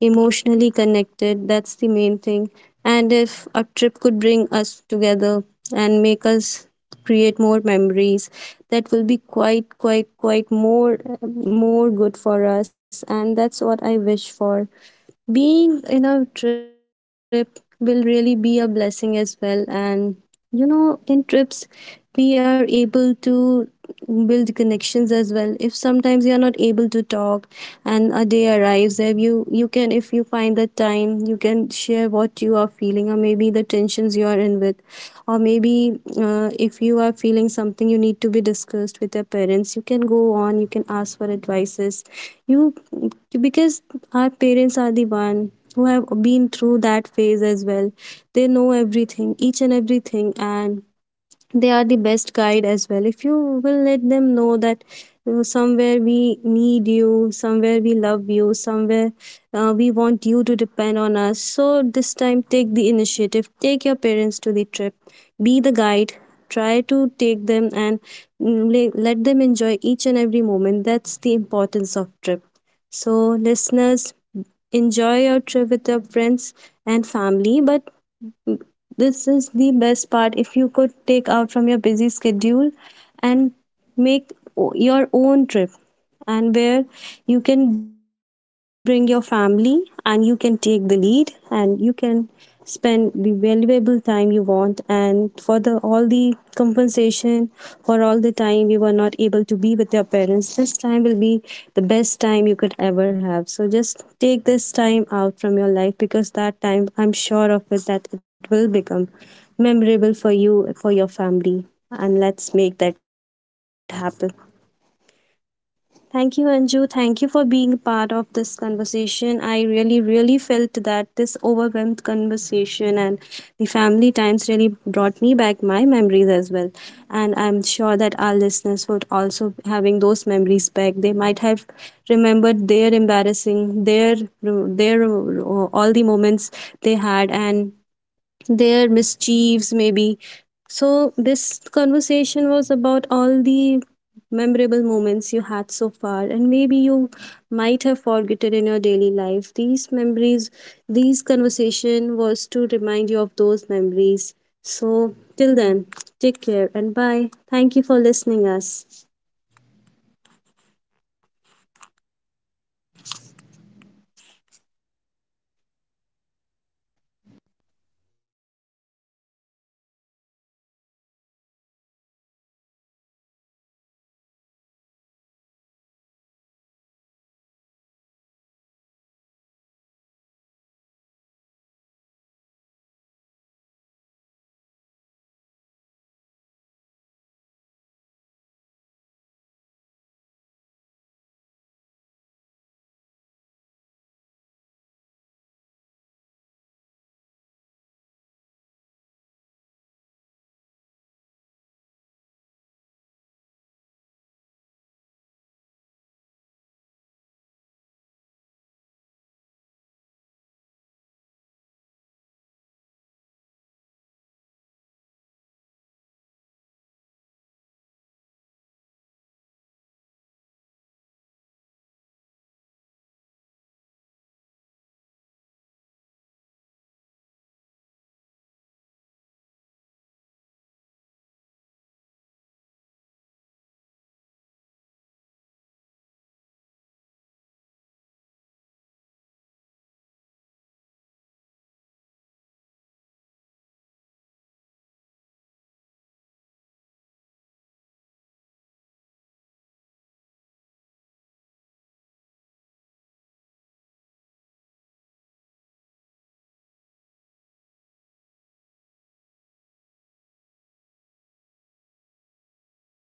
Speaker 1: emotionally connected. That's
Speaker 2: And it
Speaker 1: the
Speaker 2: was
Speaker 1: main
Speaker 2: like
Speaker 1: thing.
Speaker 2: when my
Speaker 1: And
Speaker 2: mom and
Speaker 1: if a
Speaker 2: dad got
Speaker 1: trip could
Speaker 2: into
Speaker 1: bring
Speaker 2: an
Speaker 1: us
Speaker 2: argument.
Speaker 1: together and make
Speaker 2: So
Speaker 1: us
Speaker 2: I
Speaker 1: create
Speaker 2: I
Speaker 1: more
Speaker 2: totally forgot
Speaker 1: memories,
Speaker 2: what the
Speaker 1: that will be
Speaker 2: argument was.
Speaker 1: quite more good for us, and
Speaker 2: It
Speaker 1: that's what
Speaker 2: was
Speaker 1: I
Speaker 2: maybe
Speaker 1: wish for.
Speaker 2: about some small stuffs. I
Speaker 1: Being
Speaker 2: don't
Speaker 1: in a
Speaker 2: really
Speaker 1: trip
Speaker 2: remember,
Speaker 1: will really be a
Speaker 2: but it
Speaker 1: blessing
Speaker 2: was
Speaker 1: as
Speaker 2: like
Speaker 1: well.
Speaker 2: very
Speaker 1: And
Speaker 2: funny
Speaker 1: you
Speaker 2: incident.
Speaker 1: know,
Speaker 2: After
Speaker 1: in
Speaker 2: that, you
Speaker 1: trips,
Speaker 2: know, my mom
Speaker 1: we are
Speaker 2: was angry
Speaker 1: able
Speaker 2: with my
Speaker 1: to
Speaker 2: dad,
Speaker 1: build connections
Speaker 2: and
Speaker 1: as well. If
Speaker 2: you
Speaker 1: sometimes
Speaker 2: know,
Speaker 1: you are not
Speaker 2: like my
Speaker 1: able to
Speaker 2: dad, just
Speaker 1: talk,
Speaker 2: to
Speaker 1: and
Speaker 2: make
Speaker 1: a
Speaker 2: up
Speaker 1: day
Speaker 2: to her,
Speaker 1: arrives
Speaker 2: he
Speaker 1: there,
Speaker 2: took
Speaker 1: you
Speaker 2: us
Speaker 1: can,
Speaker 2: to
Speaker 1: if
Speaker 2: a
Speaker 1: you find the
Speaker 2: vacation.
Speaker 1: time, you can
Speaker 2: It
Speaker 1: share
Speaker 2: was a
Speaker 1: what you
Speaker 2: very
Speaker 1: are feeling, or maybe maybe the
Speaker 2: unplanned and
Speaker 1: tensions
Speaker 2: sudden
Speaker 1: you are in with,
Speaker 2: vacation, so
Speaker 1: or
Speaker 2: it
Speaker 1: maybe
Speaker 2: was like test
Speaker 1: if
Speaker 2: of
Speaker 1: you are feeling something you
Speaker 2: patience
Speaker 1: need to be
Speaker 2: and
Speaker 1: discussed with your
Speaker 2: test of
Speaker 1: parents, you can go on, you can
Speaker 2: relationships, you
Speaker 1: ask
Speaker 2: know,
Speaker 1: for
Speaker 2: like my
Speaker 1: advices,
Speaker 2: mom was
Speaker 1: you,
Speaker 2: still
Speaker 1: because
Speaker 2: very
Speaker 1: our parents
Speaker 2: angry
Speaker 1: are
Speaker 2: at
Speaker 1: the
Speaker 2: my
Speaker 1: one
Speaker 2: dad,
Speaker 1: who
Speaker 2: but
Speaker 1: have
Speaker 2: we
Speaker 1: been through
Speaker 2: still
Speaker 1: that phase
Speaker 2: managed to
Speaker 1: as
Speaker 2: like, yeah,
Speaker 1: well.
Speaker 2: we
Speaker 1: They know
Speaker 2: should go for
Speaker 1: everything,
Speaker 2: it,
Speaker 1: each and
Speaker 2: and we went
Speaker 1: everything,
Speaker 2: to the
Speaker 1: and they are the
Speaker 2: vacation.
Speaker 1: best guide as well, if you will let them know
Speaker 2: and
Speaker 1: that
Speaker 2: it was
Speaker 1: somewhere
Speaker 2: and the
Speaker 1: we
Speaker 2: vacation was
Speaker 1: need
Speaker 2: just
Speaker 1: you,
Speaker 2: on my
Speaker 1: somewhere we
Speaker 2: mom's
Speaker 1: love
Speaker 2: favorite
Speaker 1: you,
Speaker 2: spot. So
Speaker 1: somewhere we
Speaker 2: my
Speaker 1: want
Speaker 2: mom
Speaker 1: you
Speaker 2: has
Speaker 1: to
Speaker 2: been
Speaker 1: depend
Speaker 2: very
Speaker 1: on us.
Speaker 2: fond of
Speaker 1: So this
Speaker 2: flowers, you
Speaker 1: time,
Speaker 2: know.
Speaker 1: take
Speaker 2: So
Speaker 1: the initiative,
Speaker 2: we
Speaker 1: take your
Speaker 2: went to a
Speaker 1: parents to the
Speaker 2: place,
Speaker 1: trip,
Speaker 2: to a
Speaker 1: be
Speaker 2: garden.
Speaker 1: the guide,
Speaker 2: I
Speaker 1: try
Speaker 2: was
Speaker 1: to take
Speaker 2: very
Speaker 1: them,
Speaker 2: young at
Speaker 1: and
Speaker 2: that age
Speaker 1: mm,
Speaker 2: to
Speaker 1: let
Speaker 2: remember
Speaker 1: them
Speaker 2: the
Speaker 1: enjoy
Speaker 2: garden's
Speaker 1: each and
Speaker 2: name.
Speaker 1: every moment.
Speaker 2: But we
Speaker 1: That's the
Speaker 2: went, and
Speaker 1: importance of
Speaker 2: there my
Speaker 1: trip.
Speaker 2: father
Speaker 1: So
Speaker 2: just plucked some
Speaker 1: listeners,
Speaker 2: flowers and he
Speaker 1: enjoy your
Speaker 2: gave to
Speaker 1: trip with your
Speaker 2: mom as a
Speaker 1: friends
Speaker 2: gift, saying,
Speaker 1: and
Speaker 2: like, he's
Speaker 1: family. But
Speaker 2: sorry for
Speaker 1: this
Speaker 2: for
Speaker 1: is the
Speaker 2: the
Speaker 1: best part: if
Speaker 2: arguments
Speaker 1: you
Speaker 2: and all.
Speaker 1: could take
Speaker 2: And
Speaker 1: out
Speaker 2: that
Speaker 1: from your
Speaker 2: like,
Speaker 1: busy
Speaker 2: the one
Speaker 1: schedule
Speaker 2: which was
Speaker 1: and
Speaker 2: just
Speaker 1: make
Speaker 2: unplanned trip
Speaker 1: your own trip,
Speaker 2: just turned out
Speaker 1: and
Speaker 2: to be
Speaker 1: where
Speaker 2: very
Speaker 1: you can bring your
Speaker 2: romantic,
Speaker 1: family
Speaker 2: very
Speaker 1: and you can
Speaker 2: pure,
Speaker 1: take
Speaker 2: very
Speaker 1: the lead,
Speaker 2: calm, you know.
Speaker 1: and
Speaker 2: And
Speaker 1: you
Speaker 2: we
Speaker 1: can
Speaker 2: all just had
Speaker 1: spend
Speaker 2: family
Speaker 1: the
Speaker 2: dinner out
Speaker 1: valuable
Speaker 2: there,
Speaker 1: time you want,
Speaker 2: stayed for the
Speaker 1: and
Speaker 2: night,
Speaker 1: for the
Speaker 2: and then we
Speaker 1: all the
Speaker 2: returned back early in the
Speaker 1: compensation
Speaker 2: morning.
Speaker 1: for all the
Speaker 2: So
Speaker 1: time
Speaker 2: that
Speaker 1: you were
Speaker 2: was
Speaker 1: not
Speaker 2: one of the
Speaker 1: able to be with your
Speaker 2: vacations that I
Speaker 1: parents,
Speaker 2: truly
Speaker 1: this time
Speaker 2: love
Speaker 1: will
Speaker 2: and
Speaker 1: be the
Speaker 2: cherish.
Speaker 1: best time
Speaker 2: The
Speaker 1: you could
Speaker 2: small
Speaker 1: ever
Speaker 2: small
Speaker 1: have. So
Speaker 2: vacations,
Speaker 1: just
Speaker 2: the
Speaker 1: take this
Speaker 2: unplanned
Speaker 1: time
Speaker 2: ones,
Speaker 1: out from your
Speaker 2: that
Speaker 1: life,
Speaker 2: are the
Speaker 1: because
Speaker 2: ones
Speaker 1: that
Speaker 2: that
Speaker 1: time, I'm
Speaker 2: just, you
Speaker 1: sure of
Speaker 2: know,
Speaker 1: it, that
Speaker 2: that
Speaker 1: it
Speaker 2: just
Speaker 1: will become
Speaker 2: adds
Speaker 1: memorable for
Speaker 2: meaning to
Speaker 1: you,
Speaker 2: our
Speaker 1: for your
Speaker 2: life.
Speaker 1: family. And let's make that happen.
Speaker 2: And now as we are talking,
Speaker 1: Thank you, Anju.
Speaker 2: I
Speaker 1: Thank you
Speaker 2: really
Speaker 1: for being
Speaker 2: enjoyed
Speaker 1: part of this
Speaker 2: the
Speaker 1: conversation.
Speaker 2: hiking as
Speaker 1: I really,
Speaker 2: well.
Speaker 1: really
Speaker 2: The
Speaker 1: felt that
Speaker 2: hiking
Speaker 1: this
Speaker 2: Like
Speaker 1: overwhelmed conversation
Speaker 2: when
Speaker 1: and
Speaker 2: we go
Speaker 1: the
Speaker 2: to
Speaker 1: family
Speaker 2: hiking
Speaker 1: times
Speaker 2: with
Speaker 1: really
Speaker 2: our
Speaker 1: brought me back
Speaker 2: parents,
Speaker 1: my memories as
Speaker 2: it
Speaker 1: well.
Speaker 2: was such
Speaker 1: And
Speaker 2: a
Speaker 1: I'm sure that our
Speaker 2: nice,
Speaker 1: listeners would also
Speaker 2: it was such
Speaker 1: having
Speaker 2: an
Speaker 1: those memories back. They
Speaker 2: adventurous
Speaker 1: might
Speaker 2: thing as
Speaker 1: have
Speaker 2: well.
Speaker 1: remembered
Speaker 2: Like,
Speaker 1: their
Speaker 2: we all are
Speaker 1: embarrassing,
Speaker 2: going to a
Speaker 1: their
Speaker 2: mountain climbing
Speaker 1: all the moments
Speaker 2: uphill,
Speaker 1: they had, and
Speaker 2: and you
Speaker 1: their
Speaker 2: know,
Speaker 1: mischiefs
Speaker 2: it's like
Speaker 1: maybe.
Speaker 2: when someone
Speaker 1: So
Speaker 2: says
Speaker 1: this
Speaker 2: let's go for
Speaker 1: conversation was
Speaker 2: hiking
Speaker 1: about all
Speaker 2: adventure,
Speaker 1: the
Speaker 2: they actually
Speaker 1: memorable
Speaker 2: mean is
Speaker 1: moments
Speaker 2: let's
Speaker 1: you had so
Speaker 2: walks and
Speaker 1: far,
Speaker 2: suffer
Speaker 1: and maybe
Speaker 2: together.
Speaker 1: you might
Speaker 2: In
Speaker 1: have
Speaker 2: our
Speaker 1: forgotten in
Speaker 2: case,
Speaker 1: your daily
Speaker 2: that was
Speaker 1: life
Speaker 2: my
Speaker 1: these
Speaker 2: mom,
Speaker 1: memories.
Speaker 2: the only
Speaker 1: These
Speaker 2: person who watches
Speaker 1: conversation
Speaker 2: adventure
Speaker 1: was to
Speaker 2: videos
Speaker 1: remind you
Speaker 2: and
Speaker 1: of
Speaker 2: believes
Speaker 1: those
Speaker 2: they
Speaker 1: memories.
Speaker 2: apply to our
Speaker 1: So till
Speaker 2: family.
Speaker 1: then, take care
Speaker 2: So my
Speaker 1: and
Speaker 2: mom
Speaker 1: bye.
Speaker 2: said,
Speaker 1: Thank
Speaker 2: "It's
Speaker 1: you for
Speaker 2: just an easy
Speaker 1: listening
Speaker 2: trial. We
Speaker 1: us.
Speaker 2: all can do it." And you know, we are, we are working out. It's like when we are working, it's good for our health benefits, and that's how she bribed us all in going to that trip. We reached the starting point very early in the morning, the kind of morning you know where birds are awake, but humans are still like motionlessly sleeping. So my mother immediately asked, you know, as we reached, where's the washroom? So the guide, you know, the guide pointed vaguely that it was toward the nature. She looked offended for sure. And my father was like, and my father was so busy taking the pictures. We just went, we just went to the a hillside location, and it took us 4 to 5 hours to reach the spot. And the pain, the joint pain we got, the strain, the muscle cramps, it's so real. But you know, the muscle cramps don't stay forever, but our memories did stay forever. So, to anyone who is watching this, I would just like to remind you all to take to go take that family vacation, you know, to go that. And don't wait for the money to be perfect, don't wait for work to slow down, or don't wait for the right time, you know. The right time is when everyone is still together. So it doesn't have to be that far, it doesn't have to be fancy luxury or expensive, just go sit with your family members, eat together, and be both together. Because one day, all we look back onto is the memories. And there should not be any